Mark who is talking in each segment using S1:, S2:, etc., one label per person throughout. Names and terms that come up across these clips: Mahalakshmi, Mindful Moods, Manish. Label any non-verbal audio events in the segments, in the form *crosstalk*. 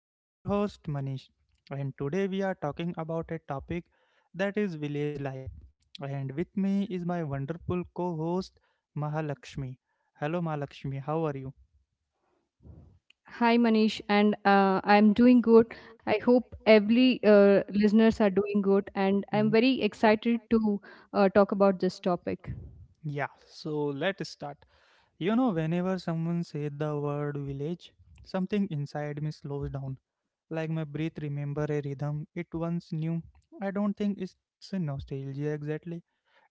S1: I am your host, Manish, and today we are talking about a topic that is village life. And with me is my wonderful co host, Mahalakshmi. Hello, Mahalakshmi, how are you?
S2: Hi Manish, and I'm doing good. I hope every listeners are doing good, and
S1: I, Hmm,
S2: I'm very
S1: I,
S2: excited to talk about this topic.
S1: Yeah, so let's start. Whenever someone say the word village, something inside me slows down. Like my breath remember a rhythm it once knew. I don't think it's a nostalgia exactly.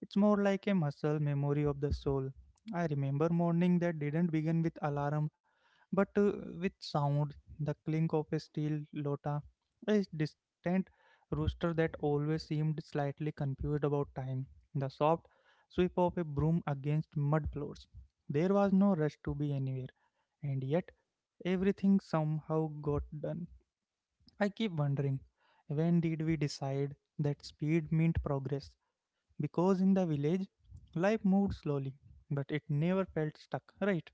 S1: It's more like a muscle memory of the soul. I remember morning that didn't begin with alarm but with sound, the clink of a steel lota, a distant rooster that always seemed slightly confused about time, the soft sweep of a broom against mud floors. There was no rush to be anywhere, and yet everything somehow got done. I keep wondering, when did we decide that speed meant progress? Because in the village, life moved slowly, but it never felt stuck, right?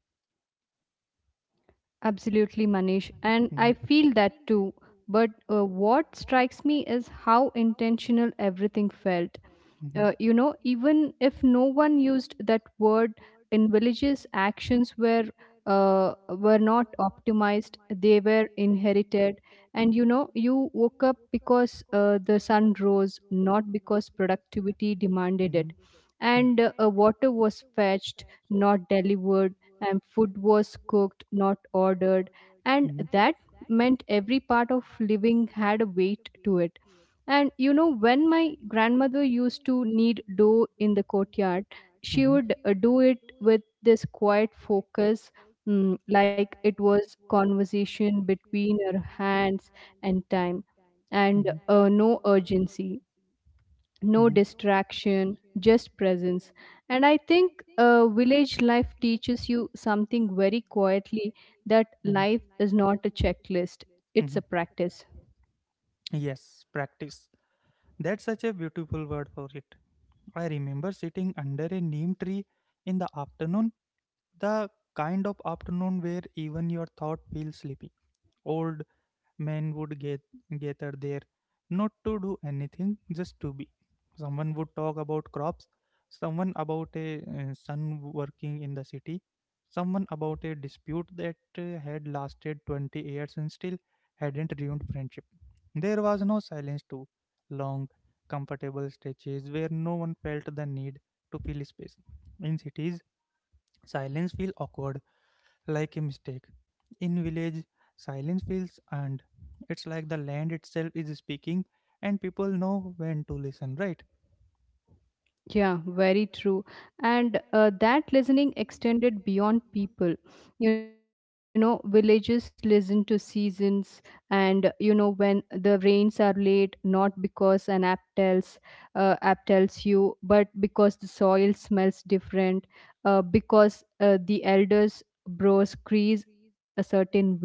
S2: Absolutely, Manish, and
S1: Mhm.
S2: I feel that too. But what strikes me is how intentional everything felt.
S1: Mhm.
S2: You know, even if no one used that word in villages, actions were not optimized; they were inherited. And you know, you woke up because the sun rose, not because productivity demanded it.
S1: Mhm. Yeah.
S2: And water was fetched, not delivered, and food was cooked, not ordered. And
S1: Mhm.
S2: that meant every part of living had a weight to it, and you know, when my grandmother used to knead dough in the courtyard, she
S1: Mhm.
S2: would do it with this quiet focus, like it was conversation between her hands and time, and
S1: Mhm.
S2: no urgency, no
S1: Mhm.
S2: distraction, just presence. And I think village life teaches you something very quietly, that
S1: Mhm.
S2: life is not a checklist,
S1: Mhm.
S2: it's a practice.
S1: Yes, practice. That's such a beautiful word for it. I remember sitting under a neem tree in the afternoon, the kind of afternoon where even your thought feels sleepy, old, men would get gather there, not to do anything, just to be. Someone would talk about crops, someone about a son working in the city, someone about a dispute that had lasted 20 years and still hadn't ruined friendship. There was no silence too long, comfortable stretches where no one felt the need to fill space. In cities, silence feels awkward like a mistake. In village, silence feels, and it's like the land itself is speaking, and people know when to listen, right?
S2: Yeah, very true. And that listening extended beyond people. You know, villages listen to seasons, and you know, when the rains are late, not because an app tells you, but because the soil smells different, because the elders' brows crease a certain way,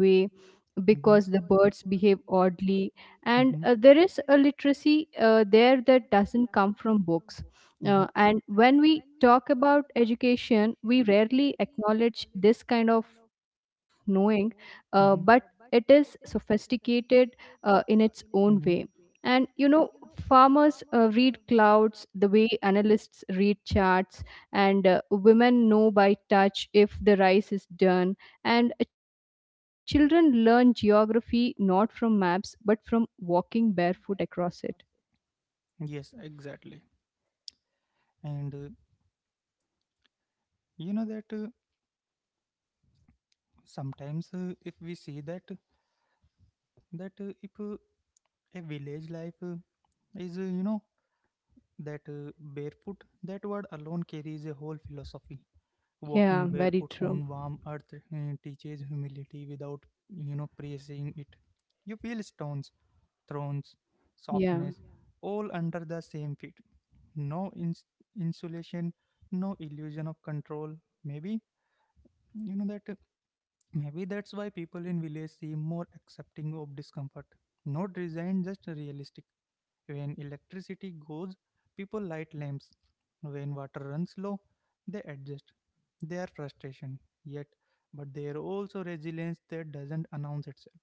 S2: because the
S1: Mm-hmm.
S2: birds behave oddly. And
S1: Mm-hmm.
S2: there is a literacy there that doesn't come from books,
S1: Mm-hmm.
S2: and when we talk about education, we rarely acknowledge this kind of knowing, but
S1: Mm-hmm.
S2: it is sophisticated in its own
S1: Mm-hmm.
S2: way. And you know, farmers read clouds the way analysts read charts, and women know by touch if the rice is done. And children learn geography not from maps but from walking barefoot across it.
S1: Yes, exactly. And you know that sometimes if we see that that if a village life is you know that barefoot, that word alone carries a whole philosophy. Walking barefoot
S2: Yeah,
S1: on
S2: very
S1: warm earth
S2: true.
S1: teaches humility without praising it. You feel stones, thrones,
S2: Yeah.
S1: softness, all under the same feet. No insulation, no illusion of control. maybe you know that uh, Maybe that's why people in village seem more accepting of discomfort. Not resigned, just realistic. When electricity goes, people light lamps. When water runs low, they adjust. Their frustration, yet, but there also resilience that doesn't announce itself.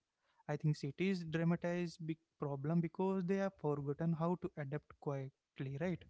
S1: I think cities dramatize big problem because they have forgotten how to adapt quietly, right?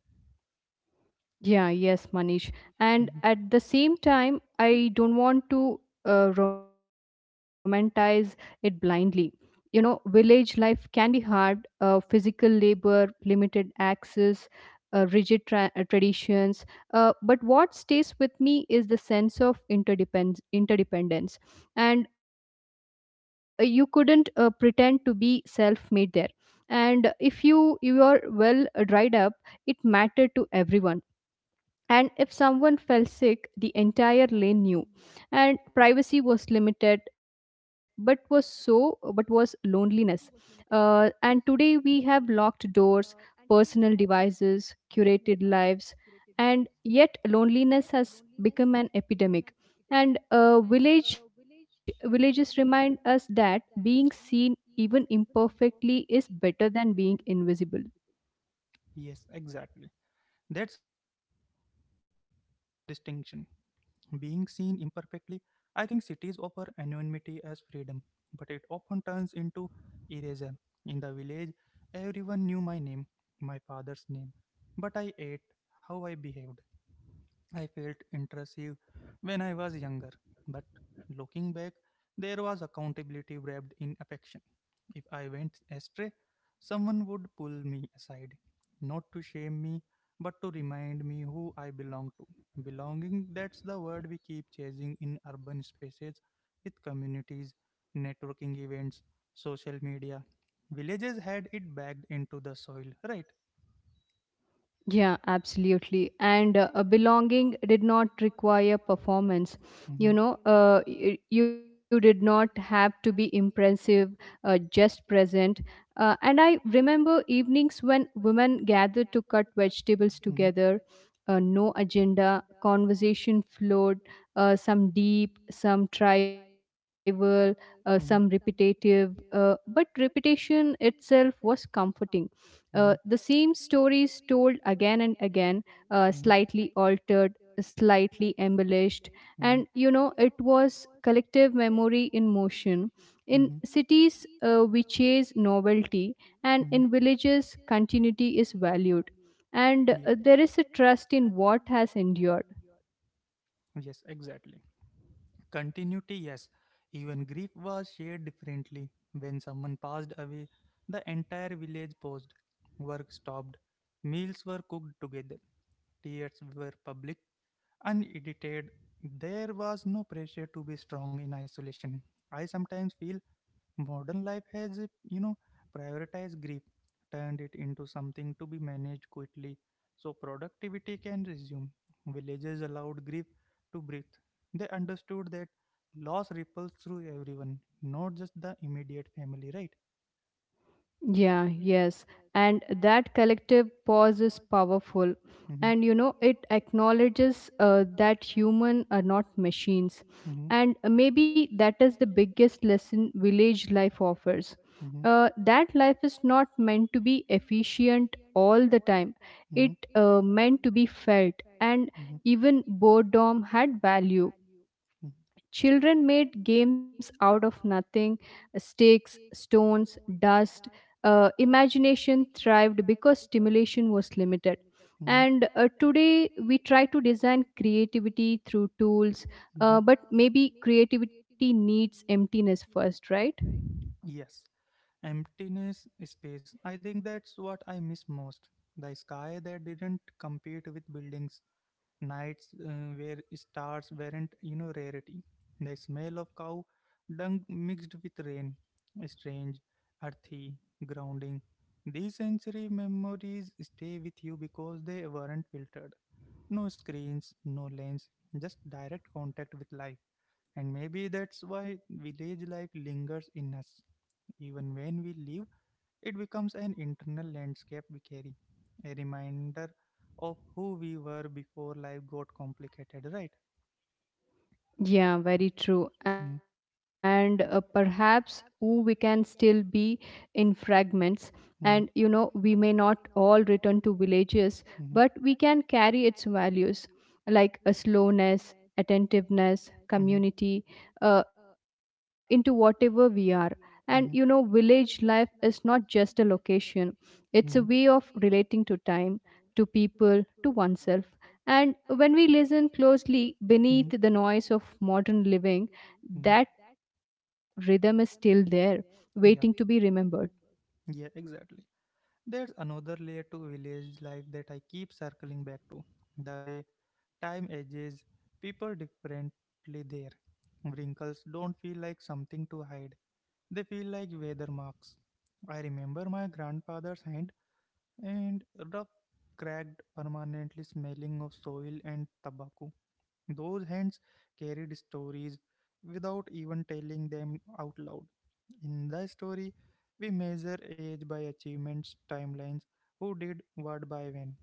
S2: Yeah, yes, Manish. And
S1: Mhm.
S2: at the same time, I don't want to romanticize it blindly. You know, village life can be hard, physical labor, limited access, uh, rigid traditions. But what stays with me is the sense of interdependence. And you couldn't pretend to be self made there. And if you are well dried up, it mattered to everyone, and if someone fell sick, the entire lane knew, and privacy was limited, but was so but was loneliness. And today we have locked doors, personal devices, curated lives, and yet loneliness has become an epidemic. And villages remind us that being seen even imperfectly is better than being invisible.
S1: Yes, exactly. That's such an important distinction. Being seen imperfectly, I think cities offer anonymity as freedom, but it often turns into erasure. In the village, everyone knew my name, my father's name, but I ate how I behaved. I felt intrusive when I was younger, but looking back, there was accountability wrapped in affection. If I went astray, someone would pull me aside, not to shame me, but to remind me who I belong to. Belonging, that's the word we keep chasing in urban spaces, with communities, networking events, social media. Villages had it bagged into the soil, right?
S2: Yeah, absolutely. And a belonging did not require performance. You
S1: Mm-hmm.
S2: know, you did not have to be impressive, just present. And I remember evenings when women gathered to cut vegetables
S1: Hmm.
S2: together, no agenda, conversation flowed, some deep, some tribal, some
S1: Hmm.
S2: repetitive. But repetition itself was comforting, the same
S1: Hmm.
S2: stories told again and again,
S1: Hmm.
S2: slightly altered, slightly embellished, and
S1: Hmm.
S2: you know, it was collective memory in motion. In
S1: Hmm.
S2: cities, we chase novelty, and
S1: Hmm.
S2: in villages, continuity is valued. And there is a trust in what has endured.
S1: Yes, exactly. Continuity, yes. Even grief was shared differently. When someone passed away, the entire village paused. Work stopped. Meals were cooked together. Tears were public, unedited. There was no pressure to be strong in isolation. I sometimes feel modern life has prioritized grief, turned it into something to be managed quickly, so productivity can resume. Villages allowed grief to breathe. They understood that loss ripples through everyone, not just the immediate family, right?
S2: Yeah, yes. And that collective pause is powerful.
S1: Mm-hmm,
S2: And you
S1: point.
S2: know, it acknowledges that human are not machines.
S1: Mm-hmm.
S2: And maybe that is the biggest lesson village life offers.
S1: Mm-hmm.
S2: That life is not meant to be efficient all the time. It
S1: Mm-hmm.
S2: meant to be felt, and
S1: Mm-hmm. And
S2: even boredom had value. Children made games out of nothing, sticks, stones, dust. Imagination thrived because stimulation was limited.
S1: mm-hmm.
S2: And today we try to design creativity through tools,
S1: Mm-hmm.
S2: but maybe creativity needs emptiness first, right?
S1: Yes. Emptiness space. I think that's what I miss most. The sky that didn't compete with buildings, nights where stars weren't rarity, the smell of cow dung mixed with rain, strange, earthy, grounding. These sensory memories stay with you because they weren't filtered. No screens, no lens, just direct contact with life. And maybe that's why village life lingers in us, even when we leave. It becomes an internal landscape we carry, a reminder of who we were before life got complicated, right?
S2: Yeah, very true. And perhaps who we can still be in fragments. And you know, we
S1: Mm-hmm.
S2: may not all return to villages, but we
S1: Mm-hmm.
S2: can carry its values like a slowness, attentiveness,
S1: Mm-hmm.
S2: community into whatever we are. And you know, village
S1: Mm-hmm.
S2: life is not just a location, it's a way of
S1: Mm-hmm.
S2: relating to time, to people, to oneself. And when we listen closely beneath the noise of modern living,
S1: Mm-hmm.
S2: that rhythm is still there, waiting to be
S1: Yeah.
S2: remembered.
S1: Yeah, exactly. There's another layer to village life that I keep circling back to, the way time ages people differently there. Wrinkles don't feel like something to hide, they feel like weather marks. I remember my grandfather's hand, and rough, cracked, permanently smelling of soil and tobacco. Those hands carried stories without even telling them out loud. In the story, we measure age by achievements, timelines, who did what by when.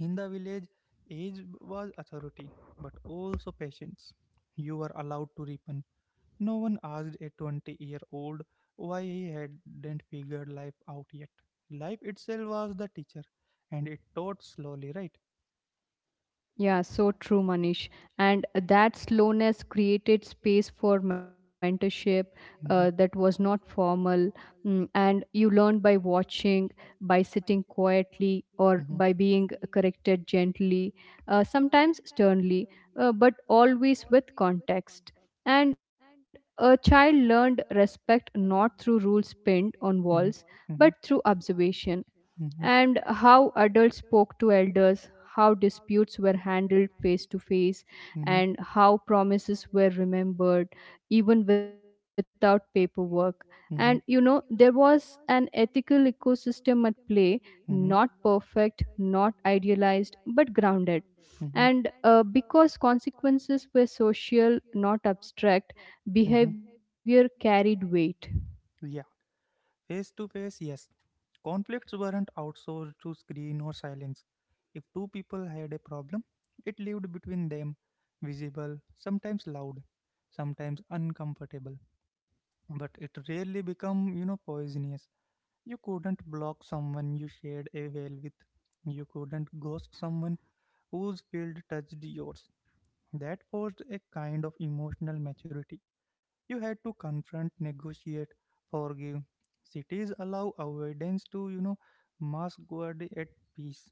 S1: In the village, age was authority, but also patience. You were allowed to ripen. No one asked a 20-year-old why he hadn't figured life out yet. Life itself was the teacher, and it taught slowly, right?
S2: Yeah, so true, Manish. And that slowness created space for mentorship that was not formal. And you learned by watching, by sitting quietly, or by
S1: Hmm.
S2: being corrected gently, sometimes sternly, but always with context. And a child learned respect not through rules pinned on
S1: Hmm.
S2: walls,
S1: Hmm.
S2: but through observation,
S1: Hmm.
S2: and how adults spoke to elders, how disputes were handled face to face,
S1: Hmm.
S2: and how promises were remembered even without paperwork. And you know,
S1: Hmm.
S2: there was an ethical ecosystem at play, not
S1: Hmm.
S2: perfect, not idealized, but grounded.
S1: Hmm. Hmm.
S2: And because consequences were social, not abstract, behavior carried weight.
S1: Yeah, face to face, yes. Conflicts weren't outsourced to screen or silence. If two people had a problem, it lived between them, visible, sometimes loud, sometimes uncomfortable. But it rarely become poisonous. You couldn't block someone you shared a well with. You couldn't ghost someone whose field touched yours. That forced a kind of emotional maturity. You had to confront, negotiate, forgive. Cities allow avoidance to mask guard at peace,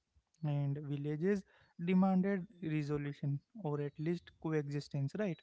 S1: and villages demanded resolution or at least coexistence, right?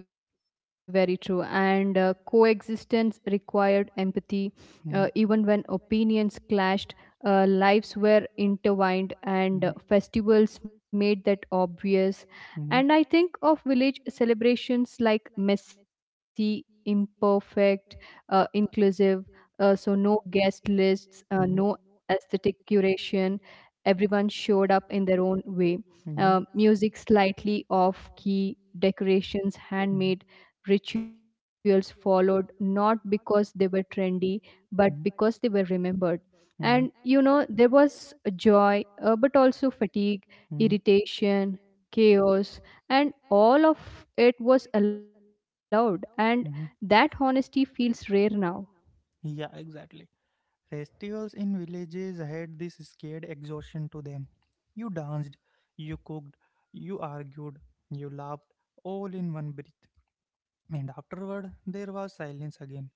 S2: Yeah, very true. And coexistence required empathy. Even when opinions clashed,
S1: Mhm.
S2: lives were intertwined,
S1: Mhm.
S2: and festivals made that obvious.
S1: Mm-hmm.
S2: And I think of village celebrations like messy, imperfect, inclusive. So, no guest lists,
S1: Mm-hmm.
S2: no aesthetic curation. Everyone
S1: no-
S2: showed up in their own way,
S1: Mm-hmm.
S2: music slightly off key,
S1: Mhm.
S2: decorations, handmade, rituals followed not because they were trendy,
S1: Mhm.
S2: but because they were remembered.
S1: Mm-hmm.
S2: And you know, there was a joy, but also fatigue,
S1: Mm-hmm.
S2: irritation, chaos, and all of it was allowed. And
S1: Mm-hmm.
S2: that honesty feels rare now.
S1: Yeah, exactly. Festivals in villages had this scared exhaustion to them. You danced, you cooked, you argued, you laughed, all in one breath. And afterward, there was silence again.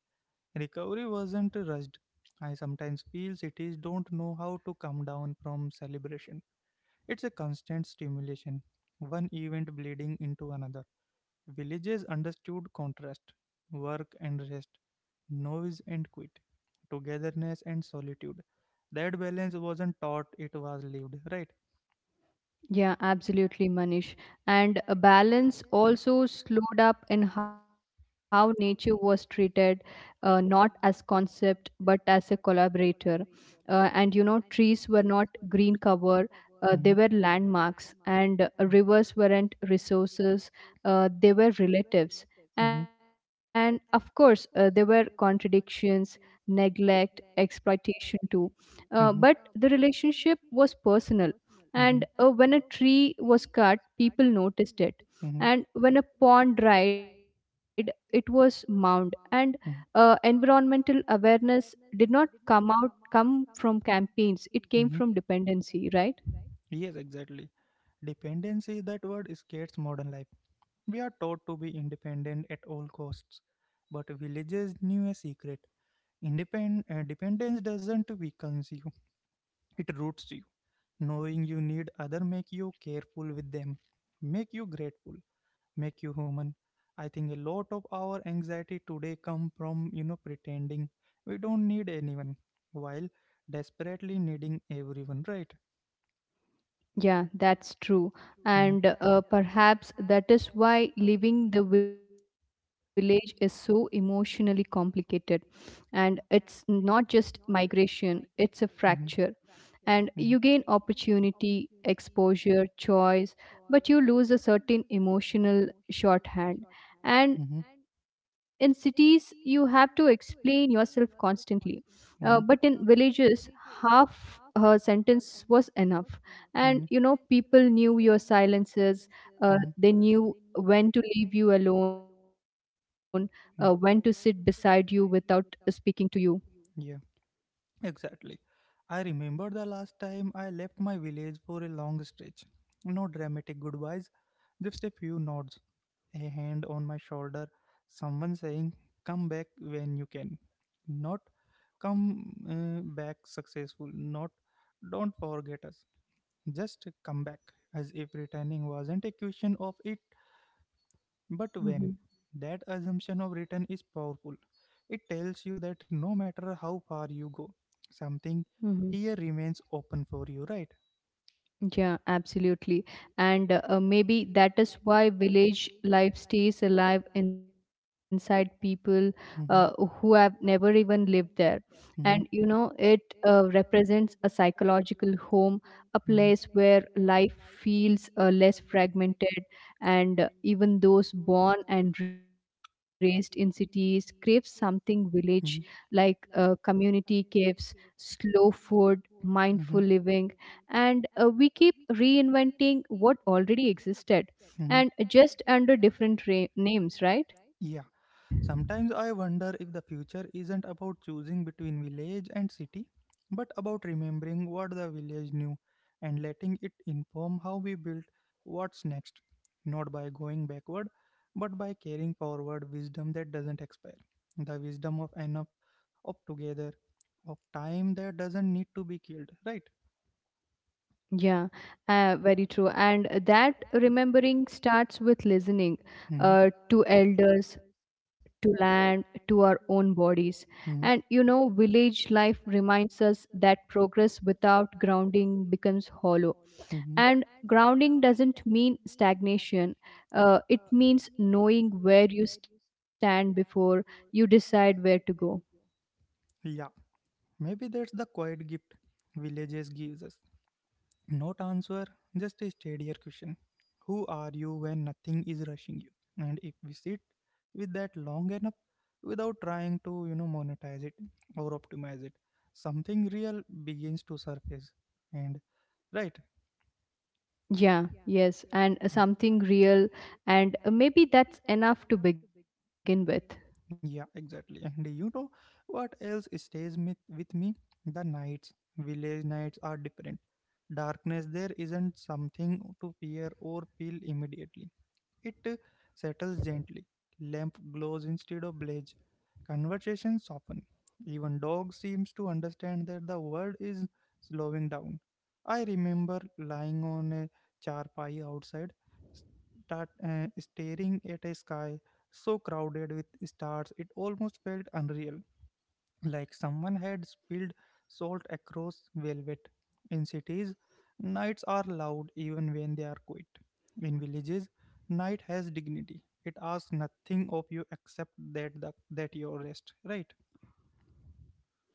S1: Recovery wasn't rushed. I sometimes feel cities don't know how to come down from celebration. It's a constant stimulation, one event bleeding into another. Villages understood contrast, work and rest, noise and quit, togetherness and solitude. That balance wasn't taught, it was lived, right?
S2: Yeah, absolutely, Manish. And a balance also slowed up in how nature was treated, not as concept but as a collaborator. And you know, trees were not green cover; they were
S1: Hmm.
S2: landmarks, and rivers weren't resources; they were relatives.
S1: Mm-hmm.
S2: And of course, there were contradictions, neglect, exploitation too. But the relationship was personal, and
S1: Mhm.
S2: when a tree was cut, people noticed it,
S1: Mhm.
S2: and when a pond dried, it was mound. And
S1: Mhm.
S2: environmental awareness did not come from campaigns, it came from
S1: Mhm.
S2: dependency, right?
S1: Yes, exactly. Dependency, that word scares modern life. We are taught to be independent at all costs. But villages knew a secret. Dependence doesn't weaken you, it roots you. Knowing you need other make you careful with them, make you grateful, make you human. I think a lot of our anxiety today come from pretending we don't need anyone while desperately needing everyone, right?
S2: Yeah, that's true.
S1: Hmm.
S2: And perhaps that is why living the village is so emotionally complicated. And it's not just migration, it's a fracture.
S1: Hmm.
S2: And you gain
S1: Hmm.
S2: opportunity, exposure, choice, but you lose a certain emotional shorthand. And
S1: Hmm.
S2: in cities, you have to explain yourself constantly. But in villages, half her sentence was enough, and you know,
S1: Mm-hmm.
S2: people knew your silences, they knew when to leave you alone, when to sit beside you without speaking to you.
S1: Alone. Exactly. I remember the last time I left my village for a long stretch. No dramatic goodbyes, just a few nods, a hand on my shoulder, someone saying, Come back when you can. Not come back successful, not don't forget us. Just come back, as if returning wasn't a question of it. But when that assumption of return is powerful, it tells you that no matter how far you go, something
S2: hmm
S1: here remains open for you, right?
S2: Yeah, absolutely. And maybe that is why village life stays alive inside people uh, who have
S1: Mhm.
S2: never even lived there. And you know,
S1: Mhm.
S2: it represents a psychological home, a place
S1: Mhm. Mhm.
S2: where life feels less fragmented. And even those born and raised in cities crave something village like,
S1: Mhm.
S2: community caves, slow food, mindful living, and we keep reinventing what already existed,
S1: Mhm.
S2: and just under different names, right?
S1: Yeah. Sometimes I wonder if the future isn't about choosing between village and city, but about remembering what the village knew and letting it inform how we built what's next, not by going backward, but by carrying forward wisdom that doesn't expire, the wisdom of enough, of together, of time that doesn't need to be killed, right?
S2: Yeah, very true, and that remembering starts with listening,
S1: Hmm.
S2: to elders, to land, to our own bodies. And you know, village life reminds us that progress without grounding becomes hollow,
S1: Mm-hmm.
S2: and grounding doesn't mean stagnation, it means knowing where you stand before you decide where to go.
S1: Yeah, maybe that's the quiet gift villages gives us. Not answer, just a steadier question. Who are you when nothing is rushing you? And if we sit with that long enough without trying to, monetize it or optimize it, something real begins to surface. And right?
S2: Yeah, yes, and something real. And maybe that's enough to begin with.
S1: Yeah, exactly. And you know what else stays with me? The nights. Village nights are different. Darkness there isn't something to fear or feel immediately. It settles gently. Lamp glows instead of blaze. Conversations soften. Even dog seems to understand that the world is slowing down. I remember lying on a charpai outside, staring at a sky so crowded with stars it almost felt unreal, like someone had spilled salt across velvet. In cities, nights are loud even when they are quiet. In villages, night has dignity. It asks nothing of you except that you rest, right?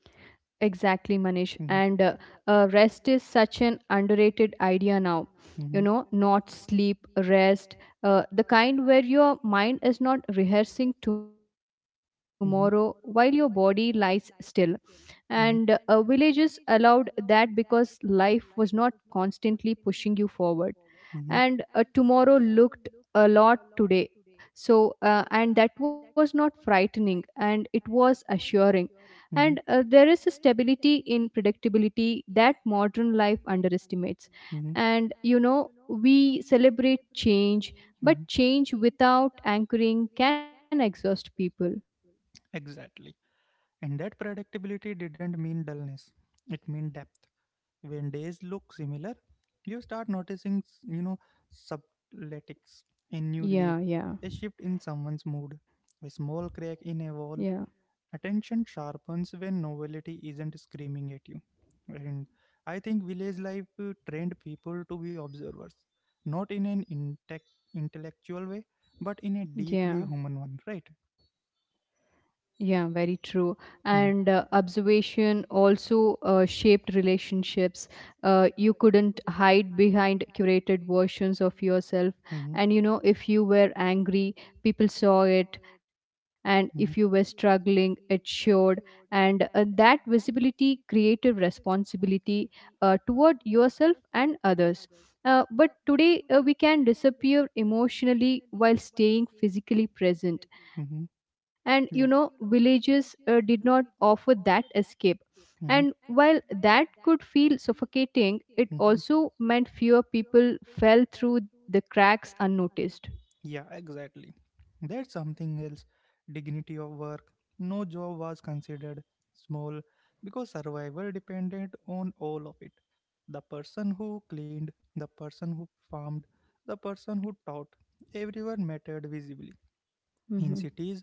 S2: Exactly, Manish, and
S1: Hmm.
S2: rest is
S1: uh,
S2: such an underrated idea now. You know,
S1: hmm.
S2: not sleep, rest, the kind where your mind is not rehearsing tomorrow while your body
S1: Hmm.
S2: lies still. And villages
S1: Hmm.
S2: allowed that because life was not constantly pushing you forward. And tomorrow looked a lot today, so and that was not frightening, and it was assuring. And
S1: Hmm.
S2: there is a stability in predictability that modern life underestimates.
S1: Hmm.
S2: And you know, we celebrate change, but
S1: Mhm.
S2: change without anchoring can exhaust people.
S1: Exactly. And that predictability didn't mean dullness. It meant depth. When days look similar, you start noticing, subletics, a new leaf,
S2: Yeah, yeah,
S1: a shift in someone's mood, a small crack
S2: yeah,
S1: in a wall. Attention sharpens when novelty isn't screaming at you. And I think village life trained people to be observers, not in an intellectual way, but in a deeply
S2: yeah.
S1: human one, right?
S2: Yeah, very true. And
S1: Mhm.
S2: observation also shaped relationships. You couldn't hide behind curated versions of yourself.
S1: Mhm.
S2: And you know, if you were angry, people saw it. And if you were
S1: Mhm.
S2: struggling, it showed. And that visibility created responsibility toward yourself and others. But today we can disappear emotionally while staying physically present,
S1: Mhm.
S2: and you know,
S1: Yeah.
S2: villages did not offer that escape, and
S1: Mhm.
S2: while that could feel suffocating, it
S1: Mhm.
S2: also meant fewer people fell through the cracks unnoticed.
S1: Yeah, exactly. That's something else. Dignity of work. No job was considered small because survival depended on all of it. The person who cleaned, the person who farmed, the person who taught. Everyone mattered visibly. In
S2: Mhm.
S1: cities,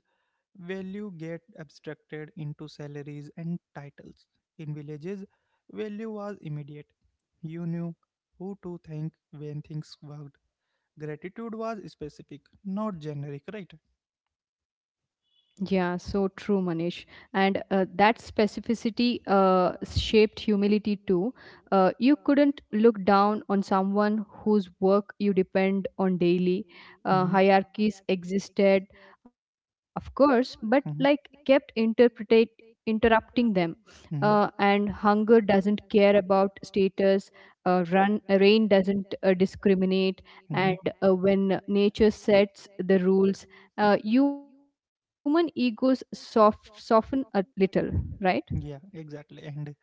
S1: value get abstracted into salaries and titles. In villages, value was immediate. You knew who to thank when things worked. Gratitude was specific, not generic, right?
S2: Yeah, so true, Manish. And that specificity shaped humility too. You couldn't look down on someone whose work you depend on daily.
S1: Mm-hmm.
S2: Hierarchies existed, of course, but like
S1: Mm-hmm.
S2: kept interpretate interrupting them.
S1: Mm-hmm.
S2: And hunger doesn't care about status. Run Rain doesn't discriminate,
S1: Mm-hmm.
S2: and when nature sets the rules, human egos soften a little, right?
S1: Yeah, right? Exactly. And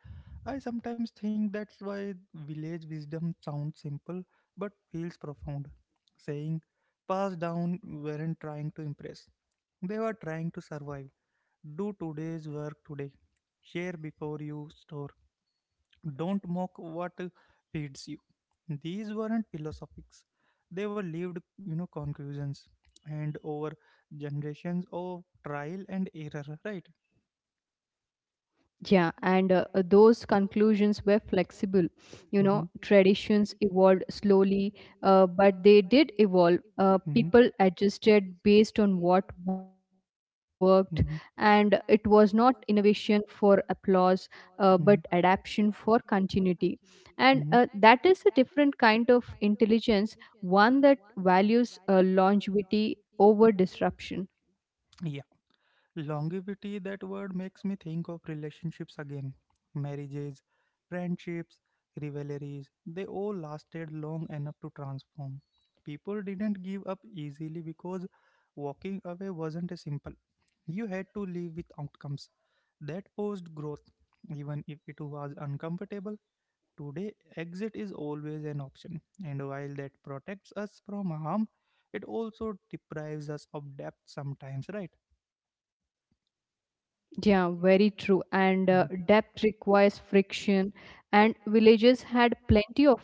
S1: I sometimes think that's why village wisdom sounds simple but feels profound. Saying pass down weren't trying to impress, they were trying to survive. Do today's work today. Share before you store. Don't mock what feeds you. These weren't philosophics. They were lived conclusions. And over generations of trial and error, right?
S2: Yeah, and those conclusions were
S1: Uh,
S2: flexible. You know,
S1: hmm.
S2: traditions evolved slowly, but they did evolve.
S1: Hmm.
S2: People adjusted based on what worked, and it
S1: Hmm.
S2: was not innovation for applause, but adaptation
S1: Worked.
S2: for continuity. And
S1: Hmm.
S2: that is a different kind of intelligence, one that values longevity over disruption.
S1: Hmm. Longevity, that word makes me think of relationships again. Marriages, friendships, rivalries, they all lasted long enough to transform. People didn't give up easily because walking away wasn't a simple. You had to live with outcomes. That forced growth, even if it was uncomfortable. Today, exit is always an option, and while that protects us from harm, it also deprives us of depth sometimes, right?
S2: Yeah, very true. And depth requires friction, and villages had plenty of it.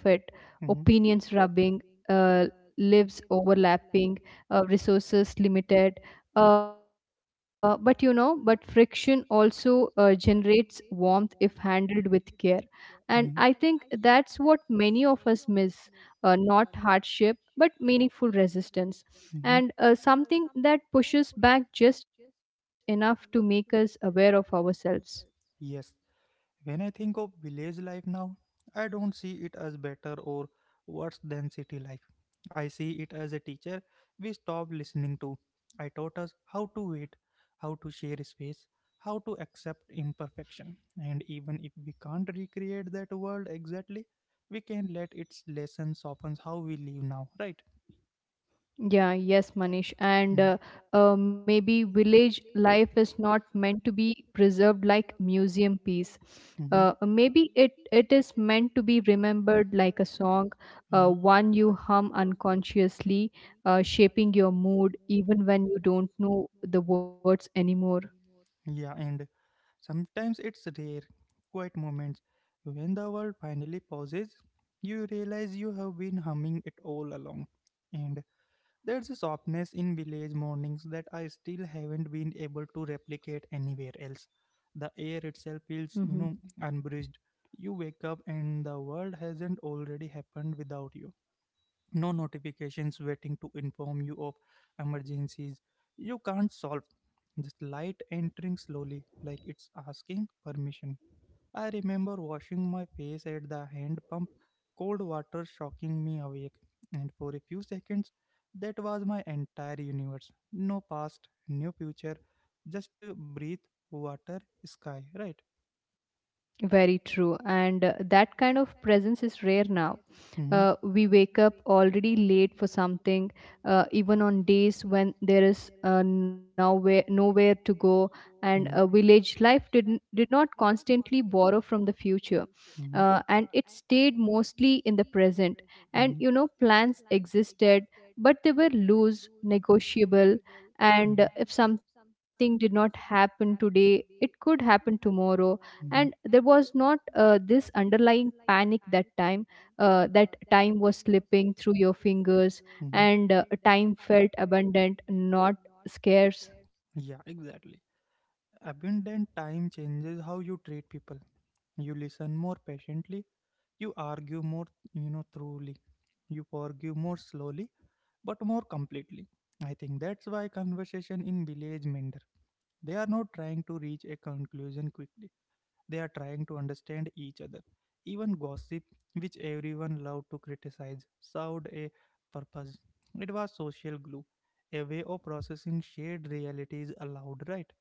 S1: Mhm,
S2: Opinions rubbing, uh, lives overlapping, resources limited. But friction also generates warmth if handled with care. And I think
S1: mhm,
S2: that's what many of us miss, not hardship, but meaningful resistance
S1: mhm,
S2: and
S1: mhm.
S2: something that pushes back just enough to make us aware of ourselves.
S1: Yes. When I think of village life now, I don't see it as better or worse than city life. I see it as a teacher we stopped listening to. I taught us how to wait, how to share space, how to accept imperfection. And even if we can't recreate that world exactly, we can let its lesson soften how we live now, right?
S2: Yeah, yes, Manish.
S1: Mm.
S2: And maybe village life is not meant to be preserved like museum
S1: Pieces.
S2: piece.
S1: Mhm,
S2: Maybe it is meant to be remembered like a song,
S1: mhm.
S2: one you hum unconsciously, shaping your mood even when you don't know the words anymore.
S1: Yeah, and sometimes it's rare, quiet moments. When the world finally pauses, you realize you have been humming it all along. And there's a softness in village mornings that I still haven't been able to replicate anywhere else. The air
S2: hmm
S1: itself feels unbridged. You wake up and the world hasn't already happened without you. No notifications waiting to inform you of emergencies you can't solve, just light entering slowly, like it's asking permission. I remember washing my face at the hand pump, cold water shocking me awake, and for a few seconds that was my entire universe. No past, no future, just breathe, water, sky, right?
S2: Very true. And that kind of presence is rare now.
S1: Mm-hmm.
S2: We wake up already late for something, even on days when there is nowhere to go. And village life did not constantly borrow from the future,
S1: Hmm.
S2: and it stayed mostly in the present. And
S1: Hmm.
S2: you know, plans existed, but they were loose, negotiable.
S1: Hmm.
S2: And
S1: uh,
S2: if something did not
S1: something
S2: happen today, it could happen tomorrow. And
S1: Hmm.
S2: there was not this underlying panic that time, that time was slipping through your fingers.
S1: Hmm.
S2: And time felt abundant, not scarce.
S1: Yeah, exactly. Abundant time changes how you treat people. You listen more patiently. You argue more truly. You forgive more slowly, but more completely. I think that's why conversation in village mender. They are not trying to reach a conclusion quickly. They are trying to understand each other. Even gossip, which everyone loved to criticize, served a purpose. It was social glue, a way of processing shared realities aloud, right?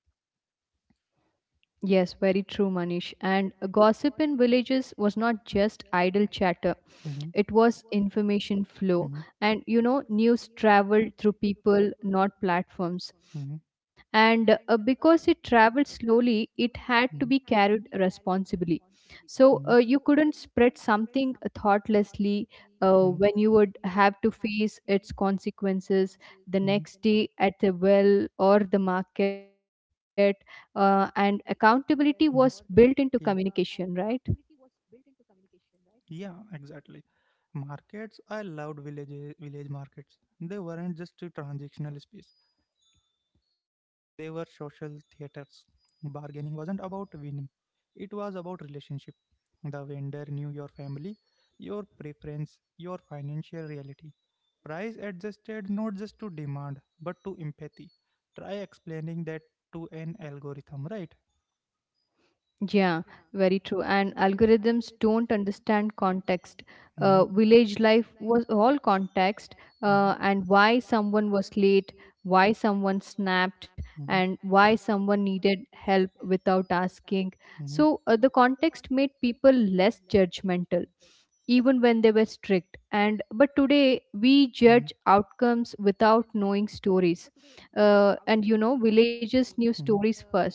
S2: Yes, very true, Manish. And gossip in villages was not just idle chatter,
S1: Hmm.
S2: it was information flow.
S1: Hmm.
S2: And you know, news traveled through people, not platforms.
S1: Hmm.
S2: And because it traveled slowly, it had to
S1: Hmm.
S2: be carried responsibly. So
S1: Hmm.
S2: you couldn't spread something thoughtlessly
S1: Hmm.
S2: when you would have to face its consequences the
S1: Hmm.
S2: next day at the well or the market. And
S1: Hmm.
S2: accountability was built into
S1: Yeah,
S2: communication, right?
S1: yeah, exactly. Markets, I loved village markets. They weren't just a transactional space. They were social theaters. Bargaining wasn't about winning. It was about relationship. The vendor knew your family, your preference, your financial reality. Price adjusted not just to demand but to empathy. Try explaining that to an algorithm, right?
S2: Yeah, very true. And algorithms don't understand context.
S1: Mm-hmm.
S2: Village life was all context, and why someone was late, why someone snapped, and
S1: Hmm.
S2: why someone needed help without asking.
S1: Mm-hmm.
S2: So the context made people less judgmental even when they were strict. And but today we judge outcomes without knowing stories, and you know villages knew
S1: Hmm.
S2: stories first.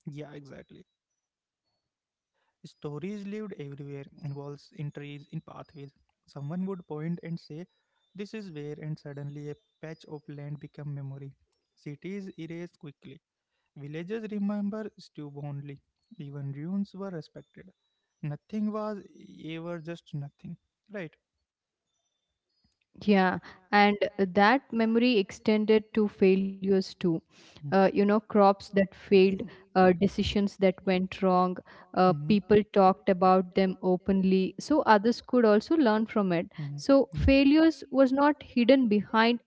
S1: Yeah, exactly. Stories lived everywhere, in walls, in trees, in pathways. Someone would point and say, "This is where," and suddenly a patch of land became memory. Cities erased quickly. Villages remember stubbornly. Even ruins were respected. Nothing was ever just nothing. Right?
S2: Yeah, and that memory extended to failures too.
S1: Mhm.
S2: You know, crops that failed, decisions that went wrong,
S1: Hmm.
S2: people talked about them openly, so others could also learn from it.
S1: Hmm.
S2: So,
S1: Yeah.
S2: failures was not hidden behind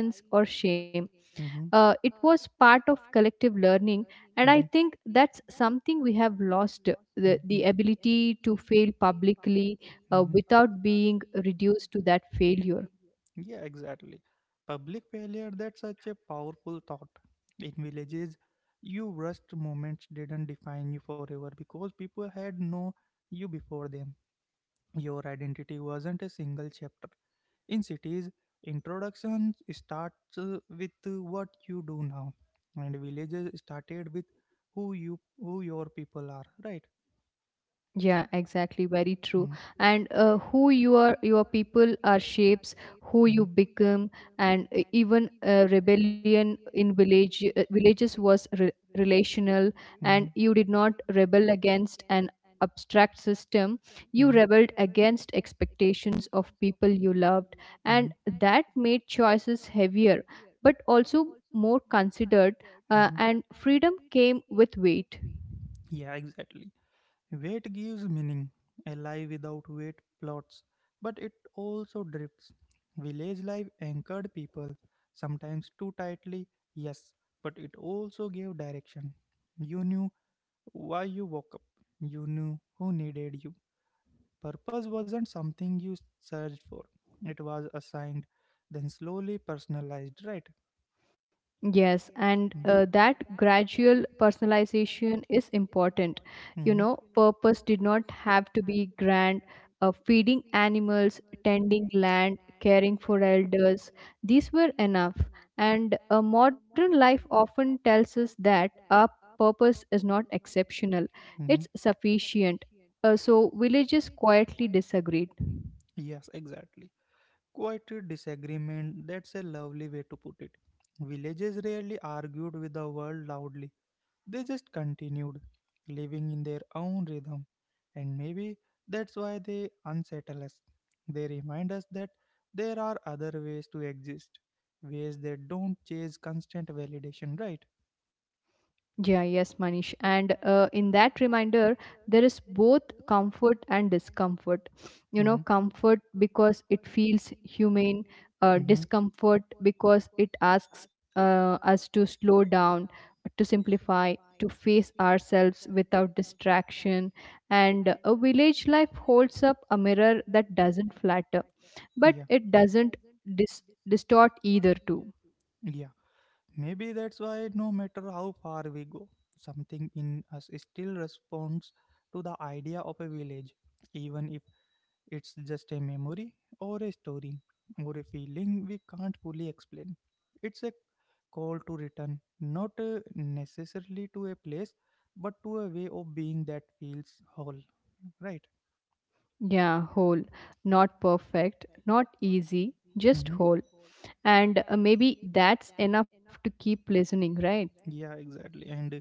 S1: Someone's.
S2: or shame.
S1: Hmm.
S2: It was part of collective learning, and I
S1: Hmm.
S2: think that's something we have lost, the,
S1: Hmm.
S2: the ability to fail publicly
S1: Publicly. Hmm.
S2: without being reduced to that failure.
S1: Yeah, exactly. Public failure, that's such a powerful thought. In villages, you rushed moments didn't define you forever because people had known you before them. Your identity wasn't a single chapter. In cities, introduction starts with what you do now, and villages started with who your people are, right?
S2: Yeah, exactly. Very true.
S1: Mm.
S2: And who you are, your people are shapes who you
S1: Mhm,
S2: become, and even rebellion in villages was relational, and you did not rebel against an abstract system. You
S1: mhm, mhm,
S2: rebelled against expectations of people you loved, and
S1: mhm,
S2: that made choices heavier, but also more considered.
S1: mhm.
S2: And freedom came with weight.
S1: Yeah, exactly. Weight gives meaning. A life without weight plots, but it also drifts. Village life anchored people, sometimes too tightly, yes, but it also gave direction. You knew why you woke up, you knew who needed you. Purpose wasn't something you searched for, it was assigned, then slowly personalized, right?
S2: Yes, and
S1: Mm.
S2: that gradual personalization is important. You
S1: Hmm.
S2: know, purpose did not have to be grand. Feeding animals, tending land, caring for elders, these were enough. And modern life often tells us that our purpose is not exceptional,
S1: Hmm.
S2: it's sufficient. So, villages quietly disagreed.
S1: Yes, exactly. Quite a disagreement, that's a lovely way to put it. Villages rarely argued with the world loudly, they just continued, living in their own rhythm. And maybe that's why they unsettle us. They remind us that there are other ways to exist, ways that don't chase constant validation, right?
S2: Yeah, yes, Manish. And in that reminder, there is both comfort and discomfort. You know,
S1: Mm-hmm,
S2: comfort because it feels humane,
S1: mm-hmm.
S2: discomfort because it asks us to slow down, to simplify, to face ourselves without distraction. And a village life holds up a mirror that doesn't flatter, but
S1: Yeah,
S2: it doesn't dis- distort either, too.
S1: maybe that's why, no matter how far we go, something in us still responds to the idea of a village, even if it's just a memory or a story or a feeling we can't fully explain. It's a call to return, not necessarily to a place, but to a way of being that feels whole. Right?
S2: Yeah, whole. Not perfect, not easy, just
S1: Hmm.
S2: whole. And maybe that's enough to keep listening, right?
S1: Yeah, exactly. And uh,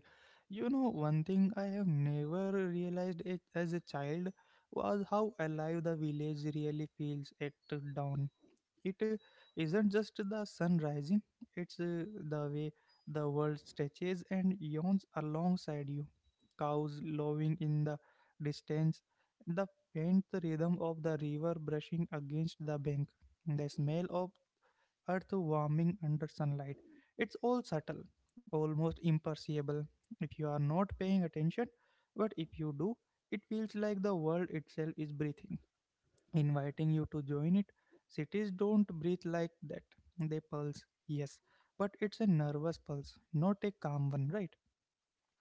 S1: you know, one thing I have never realized it as a child was how alive the village really feels at dawn. It isn't just the sun rising, it's the way the world stretches and yawns alongside you. Cows lowing in the distance, the faint rhythm of the river brushing against the bank, the smell of earth warming under sunlight. It's all subtle, almost imperceptible if you are not paying attention, but if you do, it feels like the world itself is breathing, inviting you to join it. Cities don't breathe like that. They pulse, yes, but it's a nervous pulse, not a calm one, right?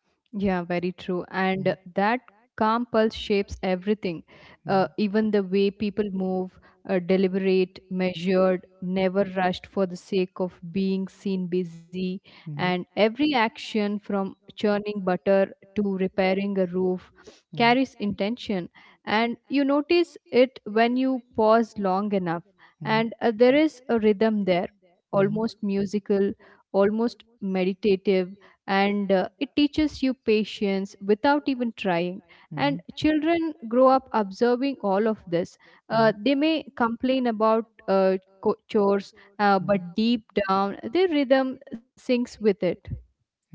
S2: Yeah, very true. And
S1: Mm.
S2: that calm pulse shapes everything,
S1: Mhm,
S2: even the way people move, deliberate, measured, never rushed for the sake of being seen busy. And
S1: mhm,
S2: every action from churning butter to repairing a roof
S1: mhm,
S2: carries intention. And you notice it when you pause long enough.
S1: mhm,
S2: And there is a rhythm there,
S1: mhm,
S2: almost musical, almost meditative. And it teaches you patience without even trying.
S1: mhm,
S2: And children grow up observing all of this.
S1: mhm,
S2: They may complain about chores,
S1: mhm.
S2: but deep down their rhythm syncs with it.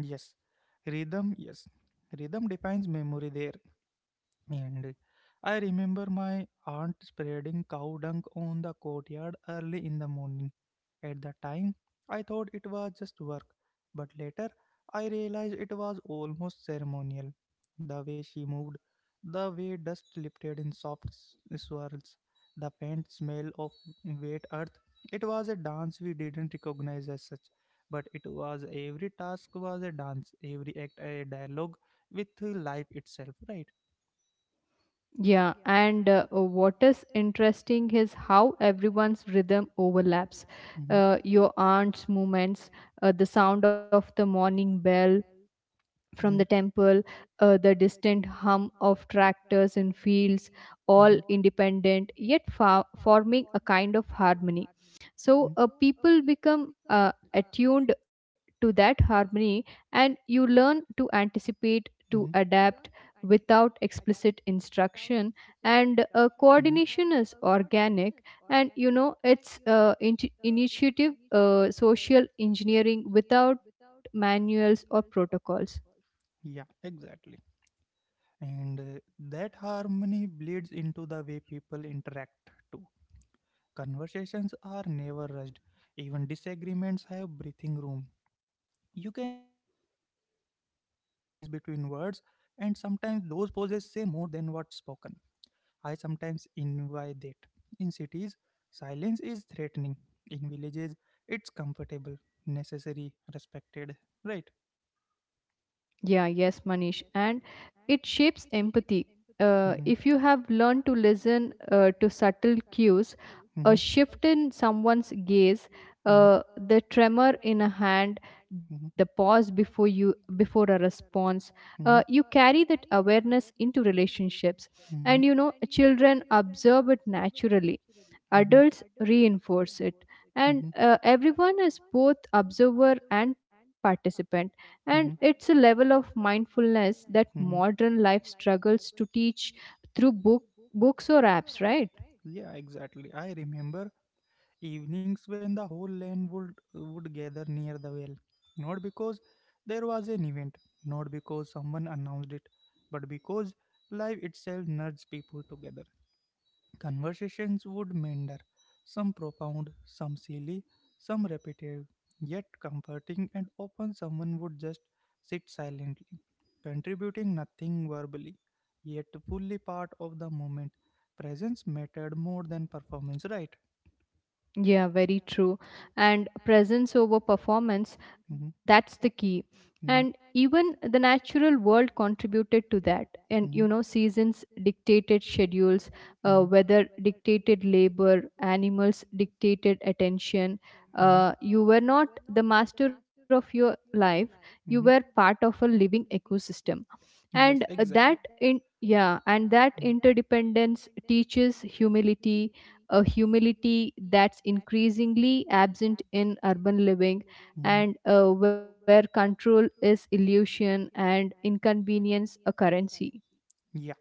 S1: Yes, rhythm. Yes, rhythm defines memory there. And I remember my aunt spreading cow dung on the courtyard early in the morning. At the time, I thought it was just work, but later I realized it was almost ceremonial. The way she moved, the way dust lifted in soft swirls, the faint smell of wet earth. It was a dance we didn't recognize as such, but it was every task was a dance, every act a dialogue with life itself, right?
S2: Yeah, and what is interesting is how everyone's rhythm overlaps,
S1: Hmm.
S2: your aunt's movements, the sound of the morning bell from the
S1: Hmm.
S2: temple, the distant hum of tractors in fields, all
S1: Hmm.
S2: independent, yet forming a kind of harmony. So,
S1: Hmm.
S2: people become attuned to that harmony, and you learn to
S1: Hmm.
S2: anticipate, to adapt without explicit instruction. And
S1: Hmm.
S2: coordination is organic. And you know, it's initiative, social engineering without manuals or protocols.
S1: Yeah, exactly. And that harmony bleeds into the way people interact too. Conversations are never rushed, even disagreements have breathing room. You can feel the space between words, and sometimes those pauses say more than what's spoken. I sometimes invite that. In cities, silence is threatening. In villages, it's comfortable, necessary, respected. Right?
S2: Yeah, yes, Manish. And it shapes empathy.
S1: Hmm.
S2: If you have learned to listen to subtle cues,
S1: Mm-hmm,
S2: a shift in someone's gaze,
S1: mm-hmm,
S2: the tremor in a hand, the
S1: mm-hmm,
S2: pause before a response, you
S1: mm-hmm,
S2: carry that awareness into relationships,
S1: mm-hmm,
S2: and you know, children observe it naturally,
S1: mm-hmm,
S2: adults reinforce it. And
S1: mm-hmm,
S2: everyone is both observer and participant. And it's
S1: mm-hmm.
S2: a level of mindfulness that
S1: Hmm.
S2: modern life struggles to teach through books or apps, right?
S1: Yeah, exactly. I remember evenings when the whole land would gather near the well, not because there was an event, not because someone announced it, but because life itself nudged people together. Conversations would meander, some profound, some silly, some repetitive, yet comforting, and often someone would just sit silently, contributing nothing verbally, yet fully part of the moment. Presence mattered more than performance, right?
S2: Yeah, very true. And presence over performance,
S1: Hmm.
S2: that's the key. And
S1: Hmm.
S2: even the natural world contributed to that. And you
S1: Hmm.
S2: know, seasons dictated schedules,
S1: Hmm.
S2: weather dictated labor, animals dictated attention.
S1: Hmm.
S2: You were not the master of your life, you were part
S1: Hmm.
S2: of a living ecosystem. and
S1: Yes,
S2: that
S1: exactly.
S2: in yeah and that
S1: Hmm.
S2: interdependence teaches humility, a humility that's increasingly absent in urban living.
S1: Living.
S2: And where control is illusion and inconvenience a currency.
S1: Yeah,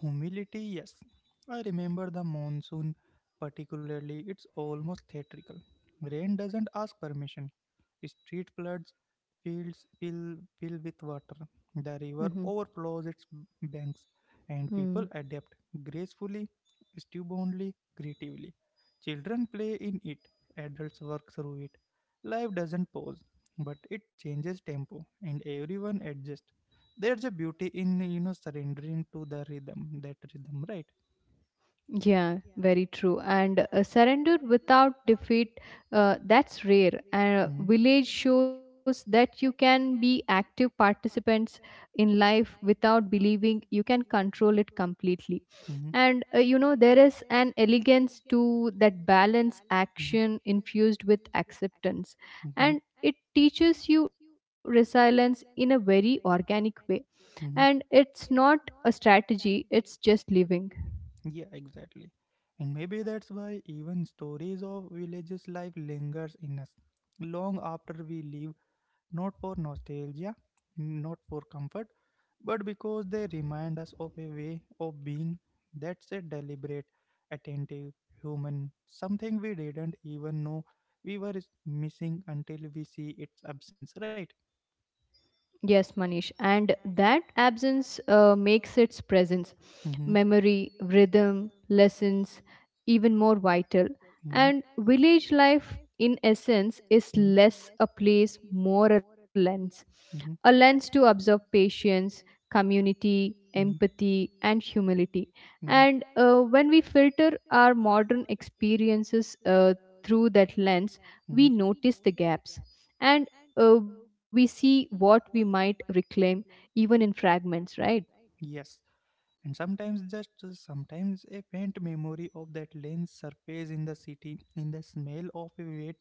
S1: humility, yes. I remember the monsoon particularly, it's almost theatrical. Rain doesn't ask permission, street floods, fields fill with water. The river
S2: Mm-hmm.
S1: overflows its banks, and
S2: Hmm.
S1: people adapt gracefully, stubbornly, creatively. Children play in it, adults work through it. Life doesn't pause, but it changes tempo, and everyone adjusts. There's a beauty in surrendering to the rhythm, that rhythm, right?
S2: Yeah, very true. And surrender without defeat, that's rare. And
S1: Mhm.
S2: village shows that you can be active participants in life without believing you can control it completely.
S1: Mhm.
S2: And you know, there is an elegance to that balance,
S1: Mhm.
S2: action infused with acceptance.
S1: Mm-hmm,
S2: And it teaches you resilience in a very organic way. And
S1: mm-hmm.
S2: it's not a strategy, it's just living.
S1: Yeah, exactly. And maybe that's why even stories of villages life lingers in us long after we leave, not for nostalgia, not for comfort, but because they remind us of a way of being that's a deliberate, attentive, human, something we didn't even know we were missing until we see its absence, right?
S2: Yes, Manish. And that absence makes its presence,
S1: Mm-hmm,
S2: memory, rhythm, lessons, even more vital. And
S1: mm-hmm,
S2: village life, in essence, is
S1: mm-hmm,
S2: less a place, more a
S1: more of
S2: lens. A
S1: mm-hmm,
S2: lens to observe patience, community,
S1: mm-hmm,
S2: empathy, and humility.
S1: mm-hmm,
S2: And when we filter our modern experiences through that lens, we
S1: mm-hmm.
S2: notice the gaps. And we see what we might reclaim even in fragments, right?
S1: Yes. And sometimes, just sometimes, a faint memory of that lens surface in the city, in the smell of a wet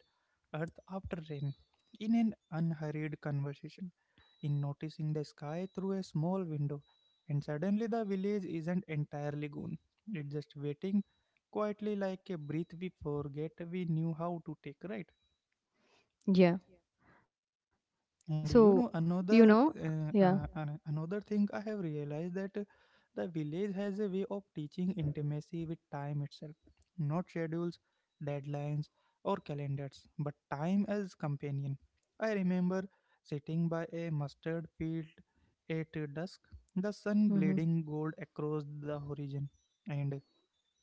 S1: earth after rain, in an unhurried conversation, in noticing the sky through a small window. And suddenly, the village isn't entirely gone. It's just waiting quietly, like a breath we forget we knew how to take, right?
S2: yeah so
S1: And
S2: you know
S1: another
S2: yeah
S1: uh, uh, an- another thing I have realized that the village has a way of teaching intimacy with time itself, not schedules, deadlines, or calendars, but time as companion. I remember sitting by a mustard field at dusk, the
S2: Mm-hmm.
S1: sun bleeding gold across the horizon, and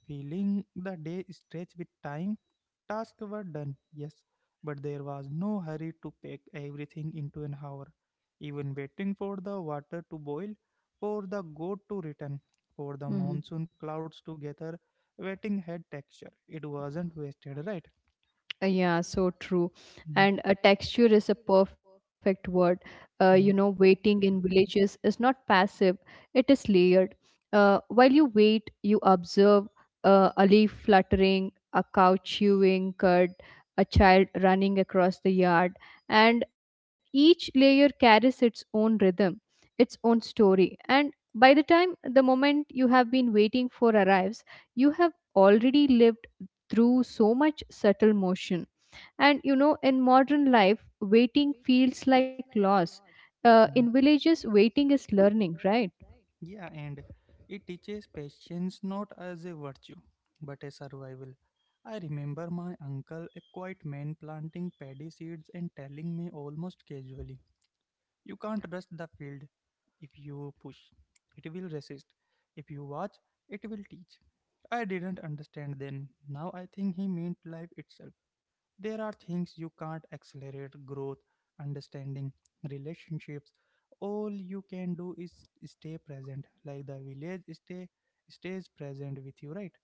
S1: feeling the day stretched with time. Tasks were done, yes, but there was no hurry to pack everything into an hour. Even waiting for the water to boil, for the goat to return, for the
S2: Mm-hmm.
S1: monsoon clouds to gather, waiting had texture. It wasn't wasted, right?
S2: Yeah, so true.
S1: Mhm,
S2: And a texture is a perfect word. You know,
S1: mhm,
S2: waiting in villages is not passive, it is layered. While you wait, you observe a leaf fluttering, a cow chewing cud, a child running across the yard, and each layer carries its own rhythm, its own story. And by the time the moment you have been waiting for arrives, you have already lived through so much subtle motion. And you know, in modern life, waiting feels like loss. In
S1: mhm.
S2: villages, waiting is learning, right?
S1: Yeah, and it teaches patience not as a virtue, but a survival. I remember my uncle, a quiet man, planting paddy seeds and telling me almost casually, "You can't rust the field. If you push, it will resist. If you watch, it will teach." I didn't understand then. Now I think he meant life itself. There are things you can't accelerate, growth, understanding, relationships. All you can do is stay present, like the village stays present with you, right?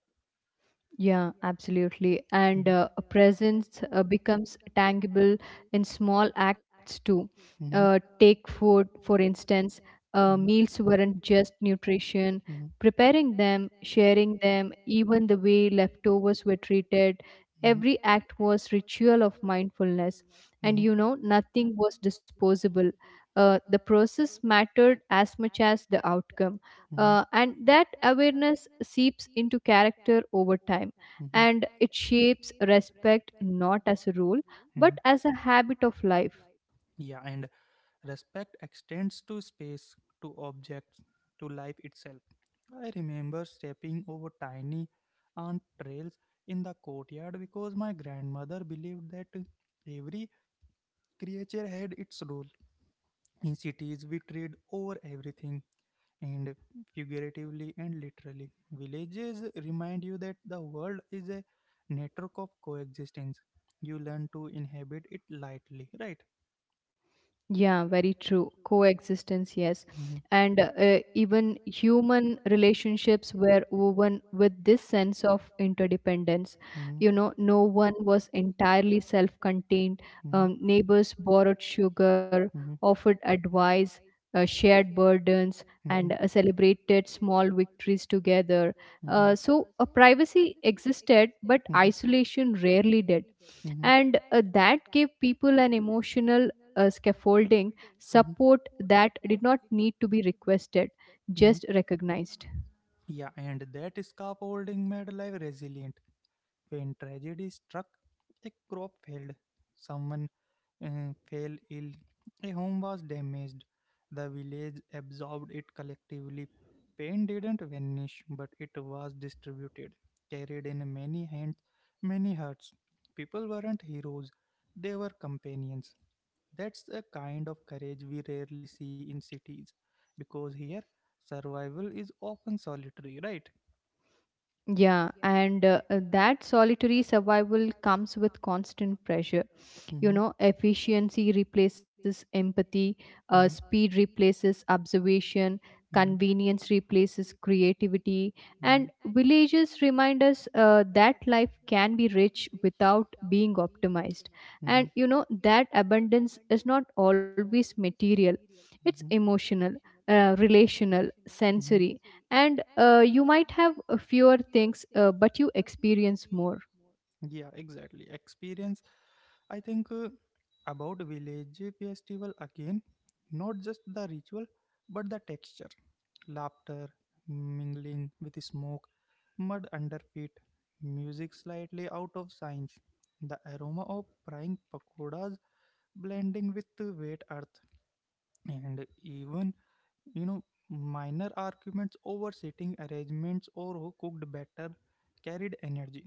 S2: Yeah, absolutely. And a presence becomes tangible in small acts too.
S1: Mhm. And mhm,
S2: Take food, for instance,
S1: mhm,
S2: meals weren't just nutrition. Preparing them, sharing them, even the way leftovers were treated, every
S1: mhm,
S2: act was ritual of mindfulness. And
S1: mhm,
S2: you
S1: mhm,
S2: know, nothing was disposable. The process mattered as much as the outcome,
S1: mhm,
S2: and that awareness seeps into character over time.
S1: mhm,
S2: And it shapes respect not as a rule but
S1: mhm.
S2: as a habit of life.
S1: Yeah, and respect extends to space, to objects, to life itself. I remember stepping over tiny ant trails in the courtyard because my grandmother believed that every creature had its role. In cities, we tread over everything, and figuratively and literally. Villages remind you that the world is a network of coexistence. You learn to inhabit it lightly, right?
S2: Yeah, very true. Coexistence, yes.
S1: Hmm,
S2: And even human relationships were woven with this sense of interdependence.
S1: hmm,
S2: You know, no one was entirely self contained.
S1: hmm,
S2: Neighbors borrowed sugar, offered advice, shared burdens, and
S1: hmm,
S2: celebrated small victories together. So, a
S1: Uh,
S2: privacy existed, but isolation rarely did.
S1: Mhm,
S2: And that gave people an emotional scaffolding, support
S1: mhm,
S2: that did not need to be requested, just
S1: mhm.
S2: recognized.
S1: Yeah, and that scaffolding made life resilient. When tragedy struck, a crop failed. Someone fell ill. A home was damaged. The village absorbed it collectively. Pain didn't vanish, but it was distributed, carried in many hands, many hearts. People weren't heroes, they were companions. That's a kind of courage we rarely see in cities, because here survival is often solitary, right?
S2: Yeah, and that solitary survival comes with constant pressure.
S1: Hmm,
S2: You know, efficiency replaces empathy,
S1: hmm,
S2: speed replaces observation,
S1: hmm,
S2: convenience replaces creativity. And
S1: hmm,
S2: villages remind us that life can be rich without being optimized. And you know, that abundance is not always material, it's
S1: hmm,
S2: emotional, relational,
S1: hmm.
S2: sensory. And you might have fewer things, but you experience more.
S1: and Yeah, exactly. Experience. I think about village festival again, not just the ritual, but the texture, laughter, mingling with smoke, mud under feet, music slightly out of sync, the aroma of frying pakoras blending with the wet earth. And even you know minor arguments over seating arrangements or who cooked better carried energy.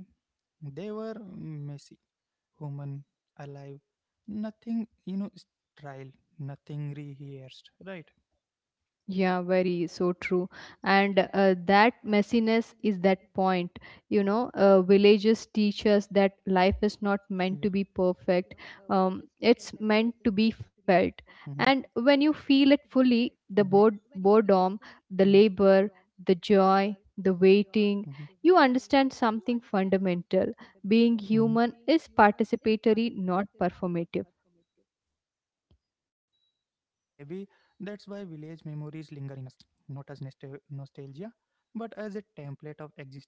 S1: They were messy, human, alive, nothing, trial, nothing rehearsed, right?
S2: Yeah, very so true. And that messiness is that point. You
S1: Mm-hmm.
S2: know, villages teach us
S1: Yeah.
S2: that life is not meant to be perfect, it's meant to be felt.
S1: Mm-hmm.
S2: And when you feel it fully,
S1: Mm-hmm.
S2: the boredom, the
S1: Mm-hmm.
S2: labor, the joy, the waiting, you
S1: Mm-hmm.
S2: understand something fundamental. Being human is participatory, not performative.
S1: Yeah, and maybe that's why village memories linger in us, not as nostalgia, but as a template of existence.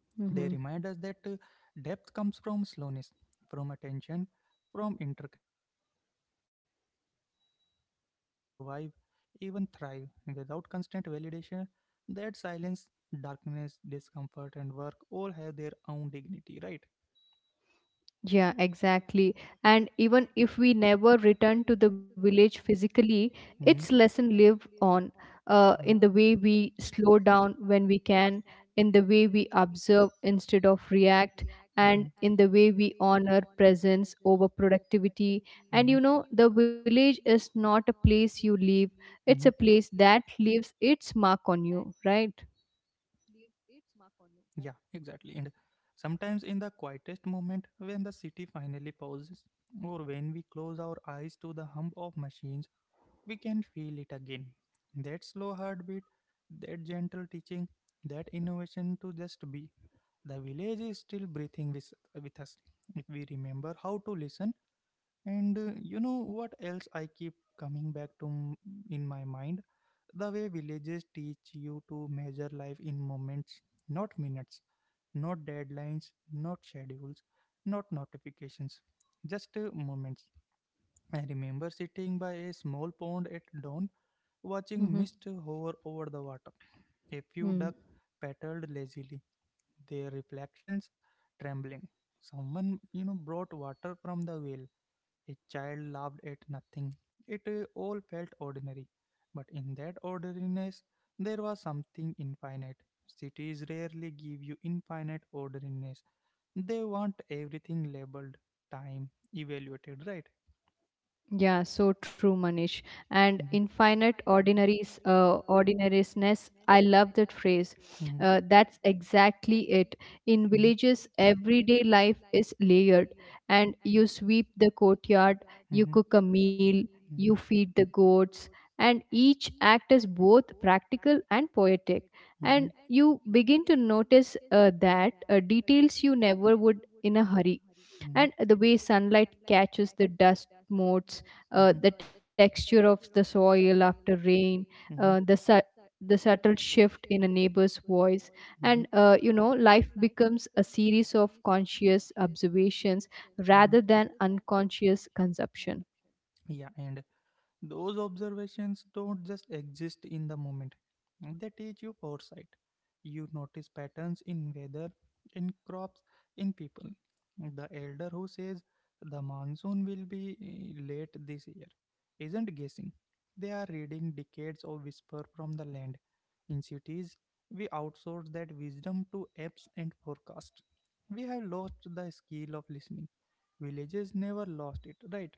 S1: They
S2: Mm-hmm.
S1: remind us that depth comes from slowness, from attention, from interconnection, that we can survive, even thrive, without constant validation. That silence, darkness, discomfort, and work all have their own dignity, right?
S2: Yeah, exactly. And even if we never return to the village physically, its
S1: Hmm?
S2: lesson live on, in the way
S1: Mhm.
S2: we slow down when we can, in the way we observe instead of react,
S1: Mhm.
S2: and in the way we honor presence over productivity. And you
S1: Mhm.
S2: know, the village is not a place you leave; it's
S1: Mhm.
S2: a place that leaves its mark on you, right?
S1: Yeah, exactly. And sometimes in the quietest moment, when the city finally pauses, or when we close our eyes to the hum of machines, we can feel it again. That slow heartbeat, that gentle teaching, that innovation to just be. The village is still breathing with us. If we remember how to listen. And what else I keep coming back to in my mind? The way villages teach you to measure life in moments, not minutes, not deadlines, not schedules, not notifications, just moments. I remember sitting by a small pond at dawn, watching mist hover over the water. A few duck
S2: Mm-hmm.
S1: paddled lazily, their reflections trembling. Someone, brought water from the well. A child laughed at nothing. It all felt ordinary. But in that ordinariness, there was something infinite. Cities rarely give you infinite ordinariness. They want everything labeled, time, evaluated, right?
S2: Yeah, so true, Manish. And
S1: Mhm,
S2: infinite ordinaries, ordinariness. I love that phrase.
S1: mhm,
S2: That's exactly it. In
S1: mhm,
S2: villages, everyday life is layered, and you sweep the courtyard, you
S1: mhm,
S2: cook a meal,
S1: mhm,
S2: you feed the goats, and each act is both practical and poetic. And
S1: mhm,
S2: you begin to notice that details you never would in a hurry,
S1: mhm,
S2: and the way sunlight catches the dust motes,
S1: mhm,
S2: the texture of the soil after rain, uh, the
S1: mhm,
S2: su- the subtle shift in a neighbor's voice. And
S1: mhm,
S2: life becomes a series of conscious observations
S1: mhm.
S2: rather than unconscious consumption.
S1: Yeah, and those observations don't just exist in the moment, they teach you foresight. You notice patterns in weather, in crops, in people. The elder who says the monsoon will be late this year isn't guessing. They are reading decades of whisper from the land. In cities, we outsource that wisdom to apps and forecasts. We have lost the skill of listening. Villages never lost it, right?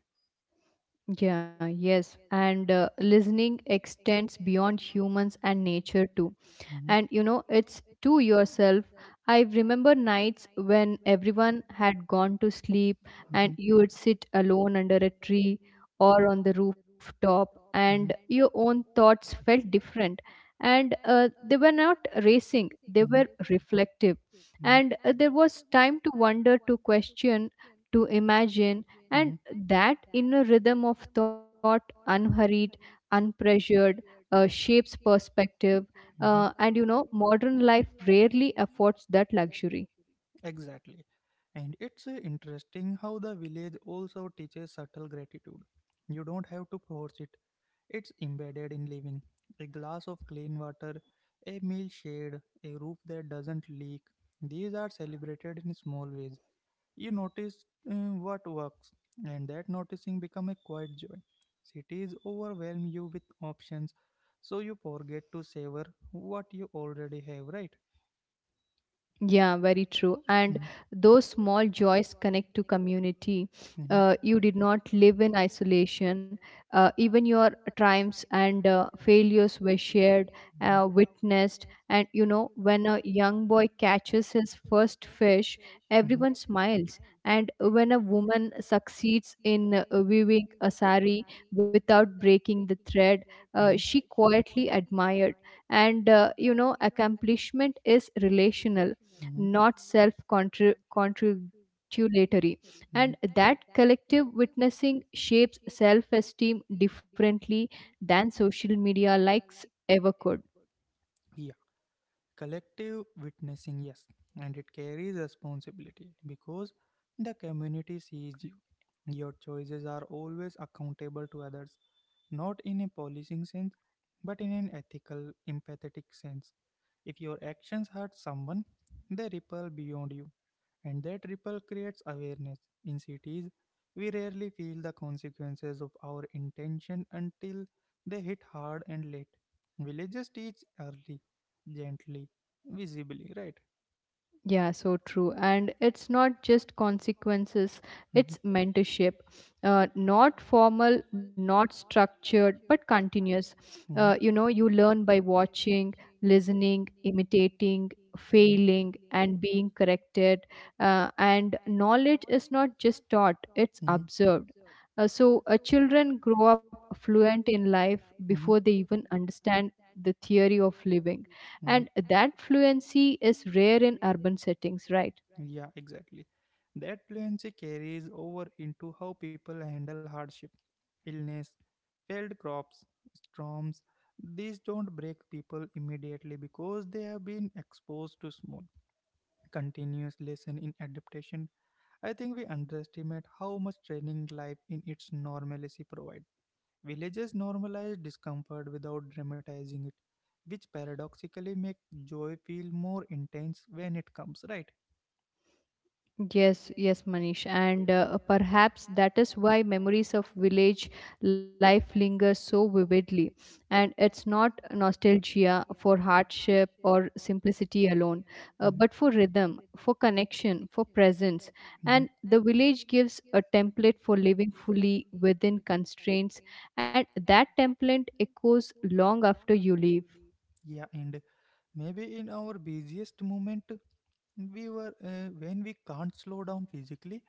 S2: Yeah, yes, and listening extends beyond humans and nature too.
S1: Mm-hmm.
S2: And it's to yourself. I remember nights when everyone had gone to sleep and
S1: Hmm,
S2: you would sit alone under a tree or on the rooftop, and
S1: hmm,
S2: your own thoughts felt different. And they were not racing, they were
S1: hmm,
S2: reflective.
S1: hmm.
S2: And there was time to wonder, to question, to imagine. And
S1: Mhm,
S2: that inner rhythm of thought, unhurried, unpressured, shapes perspective.
S1: mhm.
S2: Modern life rarely affords that luxury.
S1: Exactly. And it's interesting how the village also teaches subtle gratitude. You don't have to force it, it's embedded in living. A glass of clean water, a meal shared, a roof that doesn't leak. These are celebrated in small ways. You notice what works, and that noticing become a quiet joy. Cities overwhelm you with options, so you forget to savor what you already have, right?
S2: Yeah, very true. And
S1: Mhm,
S2: those small joys connect to community.
S1: mhm,
S2: You did not live in isolation. Even your triumphs and failures were shared,
S1: mhm,
S2: witnessed. When a young boy catches his first fish,
S1: mhm,
S2: everyone smiles. And when a woman succeeds in weaving a sari without breaking the thread,
S1: mhm,
S2: she quietly admired. Accomplishment is relational,
S1: personal. Mhm,
S2: not self congratulatory. And that collective witnessing shapes self esteem differently than social media likes ever could.
S1: mhm. Collective witnessing, yes, and it carries responsibility because the community sees you. Your choices are always accountable to others, not in a policing sense, but in an ethical, empathetic sense. If your actions hurt someone, they ripple beyond you, and that ripple creates awareness. In cities, we rarely feel the consequences of our intention until they hit hard and late. Villages teach early, gently, visibly, right?
S2: Yeah, so true. And it's not just consequences, it's mentorship. Not formal, not structured, but continuous. You learn by watching, listening, imitating, failing, and being corrected. And knowledge is not just taught, it's observed. Children grow up fluent in life before they
S1: *laughs*
S2: even understand the theory of living,
S1: Mhm.
S2: and that fluency is rare in urban settings, right?
S1: Yeah, exactly. That fluency carries over into how people handle hardship, illness, failed crops, storms. These don't break people immediately because they have been exposed to small, continuous lesson in adaptation. I think we underestimate how much training life in its normalcy provides. Villages normalize discomfort without dramatizing it, which paradoxically make joy feel more intense when it comes, right?
S2: Yes, yes, Manish. And perhaps that is why memories of village life linger so vividly. And it's not nostalgia for hardship or simplicity alone,
S1: Mhm.
S2: but for rhythm, for connection, for presence.
S1: Mhm.
S2: And the village gives a template for living fully within constraints. And that template echoes long after you leave.
S1: Yeah, and maybe in our busiest moment, we were when we can't slow down physically,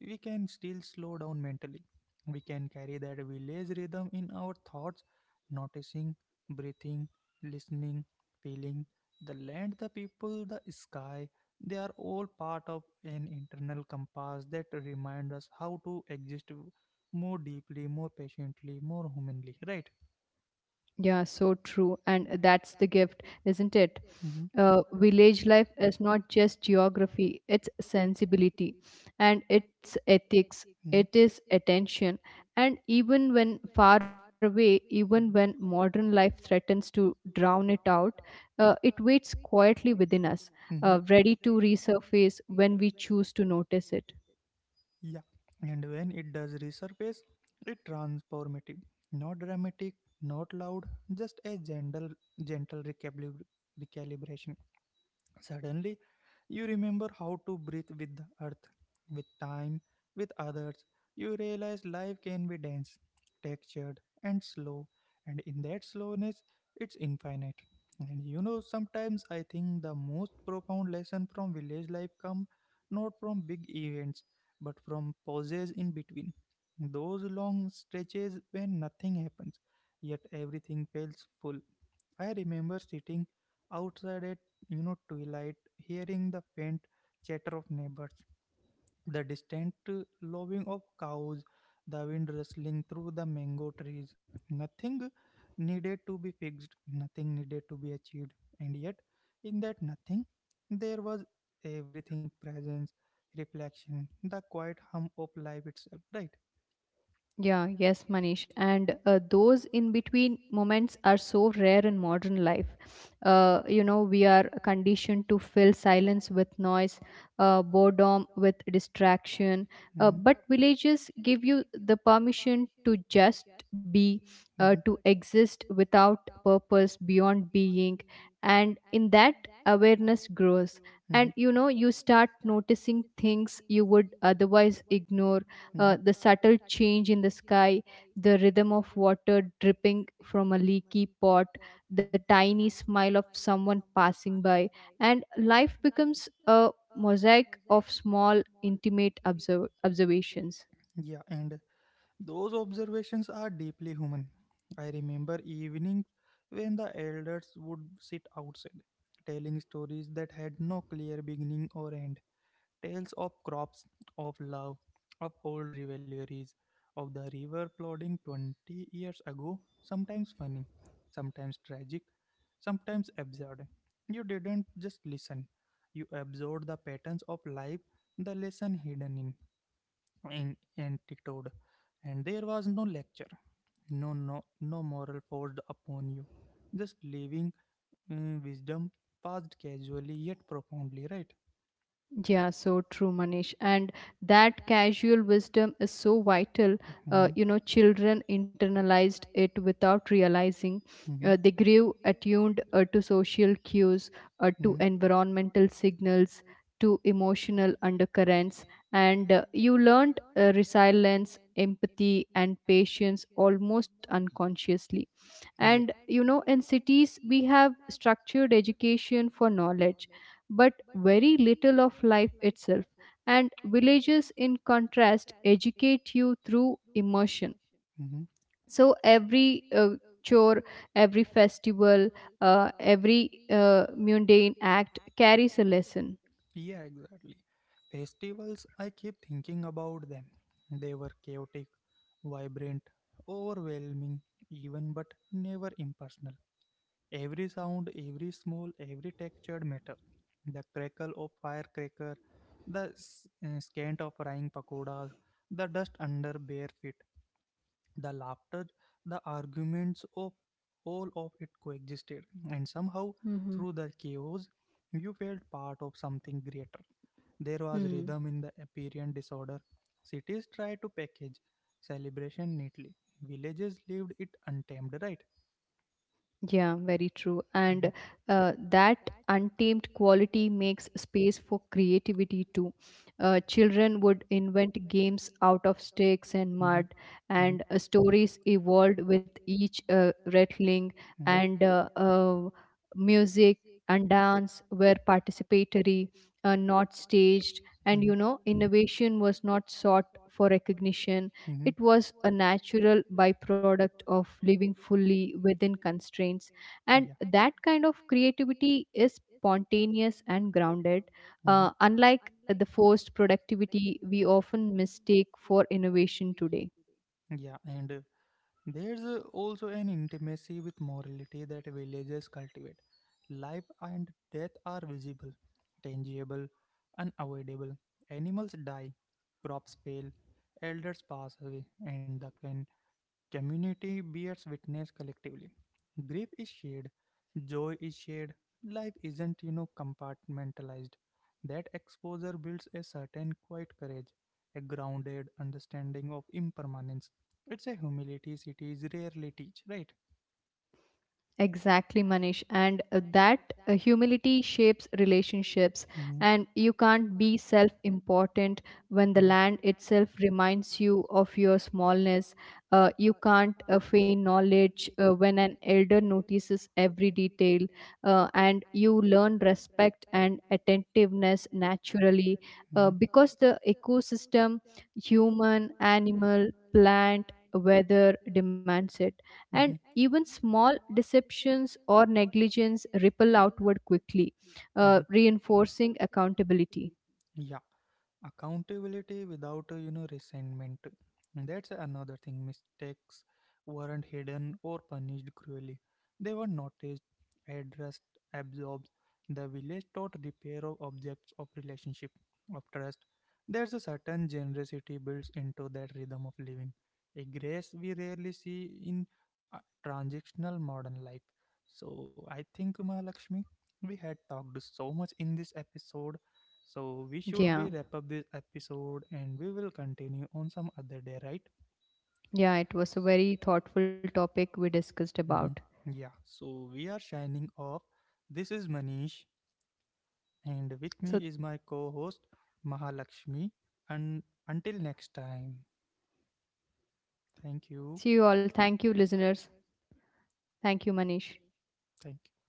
S1: we can still slow down mentally. We can carry that village rhythm in our thoughts, noticing, breathing, listening, feeling. The land, the people, the sky, they are all part of an internal compass that reminds us how to exist more deeply, more patiently, more humanly, right?
S2: Yeah, so true. And that's the gift, isn't it? Village life is not just geography, it's sensibility and it's ethics,
S1: Mm-hmm.
S2: it is attention. And even when far away, even when modern life threatens to drown it out, it waits quietly within us, ready to resurface when we choose to notice it.
S1: Yeah, and when it does resurface, it's transformative. Not dramatic, not loud, just a gentle, gentle recalibration. Suddenly, you remember how to breathe with the earth, with time, with others. You realize life can be dense, textured, and slow, and in that slowness, it's infinite. And you know, sometimes I think the most profound lesson from village life come not from big events, but from pauses in between. Those long stretches when nothing happens, yet everything feels full. I remember sitting outside at twilight, hearing the faint chatter of neighbors, the distant lowing of cows, the wind rustling through the mango trees. Nothing needed to be fixed, nothing needed to be achieved, and yet in that nothing there was everything: presence, reflection, the quiet hum of life itself. Right?
S2: Yeah, yes, Manish. And those in between moments are so rare in modern life. We are conditioned to fill silence with noise, boredom with distraction.
S1: Hmm,
S2: But villages give you the permission to just be, to
S1: hmm,
S2: exist without purpose, beyond being. And in that, awareness grows.
S1: hmm.
S2: You start noticing things you would otherwise ignore, the subtle change in the sky, the rhythm of water dripping from a leaky pot, the
S1: Mm-hmm.
S2: tiny smile of someone passing by, and life becomes a mosaic of small, intimate observations.
S1: Yeah, and those observations are deeply human. I remember evenings when the elders would sit outside, telling stories that had no clear beginning or end, tales of crops, of love, of old rivalries, of the river flooding 20 years ago, sometimes funny, sometimes tragic, sometimes absurd. You didn't just listen, you absorbed the patterns of life, the lesson hidden in antidote, and there was no lecture, no moral forced upon you, just living, mm, wisdom passed casually yet profoundly, right?
S2: Yeah, so true, Manish. And that casual wisdom is so vital.
S1: Mhm,
S2: Children internalized it without realizing.
S1: mhm,
S2: They grew attuned to social cues, to
S1: mhm.
S2: environmental signals, to emotional undercurrents. And you learned resilience, empathy, and patience almost unconsciously. And
S1: Yeah,
S2: you know In cities, we have structured education for knowledge, but very little of life itself. And villages, in contrast, educate you through immersion.
S1: mhm.
S2: So every chore, every festival, every mundane act carries a lesson.
S1: Yeah, exactly. Festivals, I keep thinking about them. They were chaotic, vibrant, overwhelming, even, but never impersonal. Every sound, every small, every textured matter. The crackle of firecracker, the scant of frying pakodas, the dust under bare feet, the laughter, the arguments, of all of it coexisted, and somehow
S2: Mm-hmm.
S1: through the chaos, you felt part of something greater. There was
S2: Hmm.
S1: rhythm in the apparent disorder. Cities tried to package celebration neatly. Villages lived it untamed, right?
S2: Yeah, very true. And
S1: Mhm.
S2: that untamed quality makes space for creativity too. Children would invent games out of sticks and mud,
S1: Mm-hmm.
S2: and stories evolved with each
S1: Mm-hmm.
S2: rattling,
S1: Hmm,
S2: and music and dance were participatory, not staged.
S1: hmm,
S2: Innovation was not sought for recognition, it was a natural byproduct of living fully within constraints,
S1: hmm.
S2: and
S1: Yeah,
S2: that kind of creativity is spontaneous and grounded,
S1: hmm.
S2: unlike the forced productivity we often mistake for innovation today.
S1: Yeah, and there's also an intimacy with morality that villagers cultivate. Life and death are visible, tangible, unavoidable. Animals die, crops fail, elders pass away, and the community bears witness collectively. Grief is shared, joy is shared, life isn't, you know, compartmentalized. That exposure builds a certain quiet courage, a grounded understanding of impermanence. It's a humility cities rarely teach, right?
S2: Exactly, Manish. And that humility shapes relationships, and you can't be self important when the
S1: Mm-hmm, when
S2: land itself reminds you of your smallness. You can't feign knowledge when an elder notices every detail, and you learn respect and attentiveness naturally because the ecosystem, human, animal, plant, weather demands it, and
S1: mm-hmm,
S2: even small deceptions or negligence ripple outward quickly,
S1: mm-hmm.
S2: reinforcing accountability.
S1: Yeah, accountability without resentment. That's another thing. Mistakes weren't hidden or punished cruelly. They were noticed, addressed, absorbed. The village taught repair of objects, of relationship, of trust. There's a certain generosity built into that rhythm of living, a grace we rarely see in uh, transactional modern life. So I think, Mahalakshmi, we had talked so much in this episode, so we should
S2: Yeah,
S1: be wrap up this episode and we will continue on some other day, right?
S2: yeah, it was a very thoughtful topic we discussed about.
S1: Mhm. Yeah. So we are signing off. This is Manish, and with
S2: So,
S1: me is my co-host Mahalakshmi. And until next time, thank you.
S2: see you all. Thank you, listeners. Thank you, Manish.
S1: Thank you.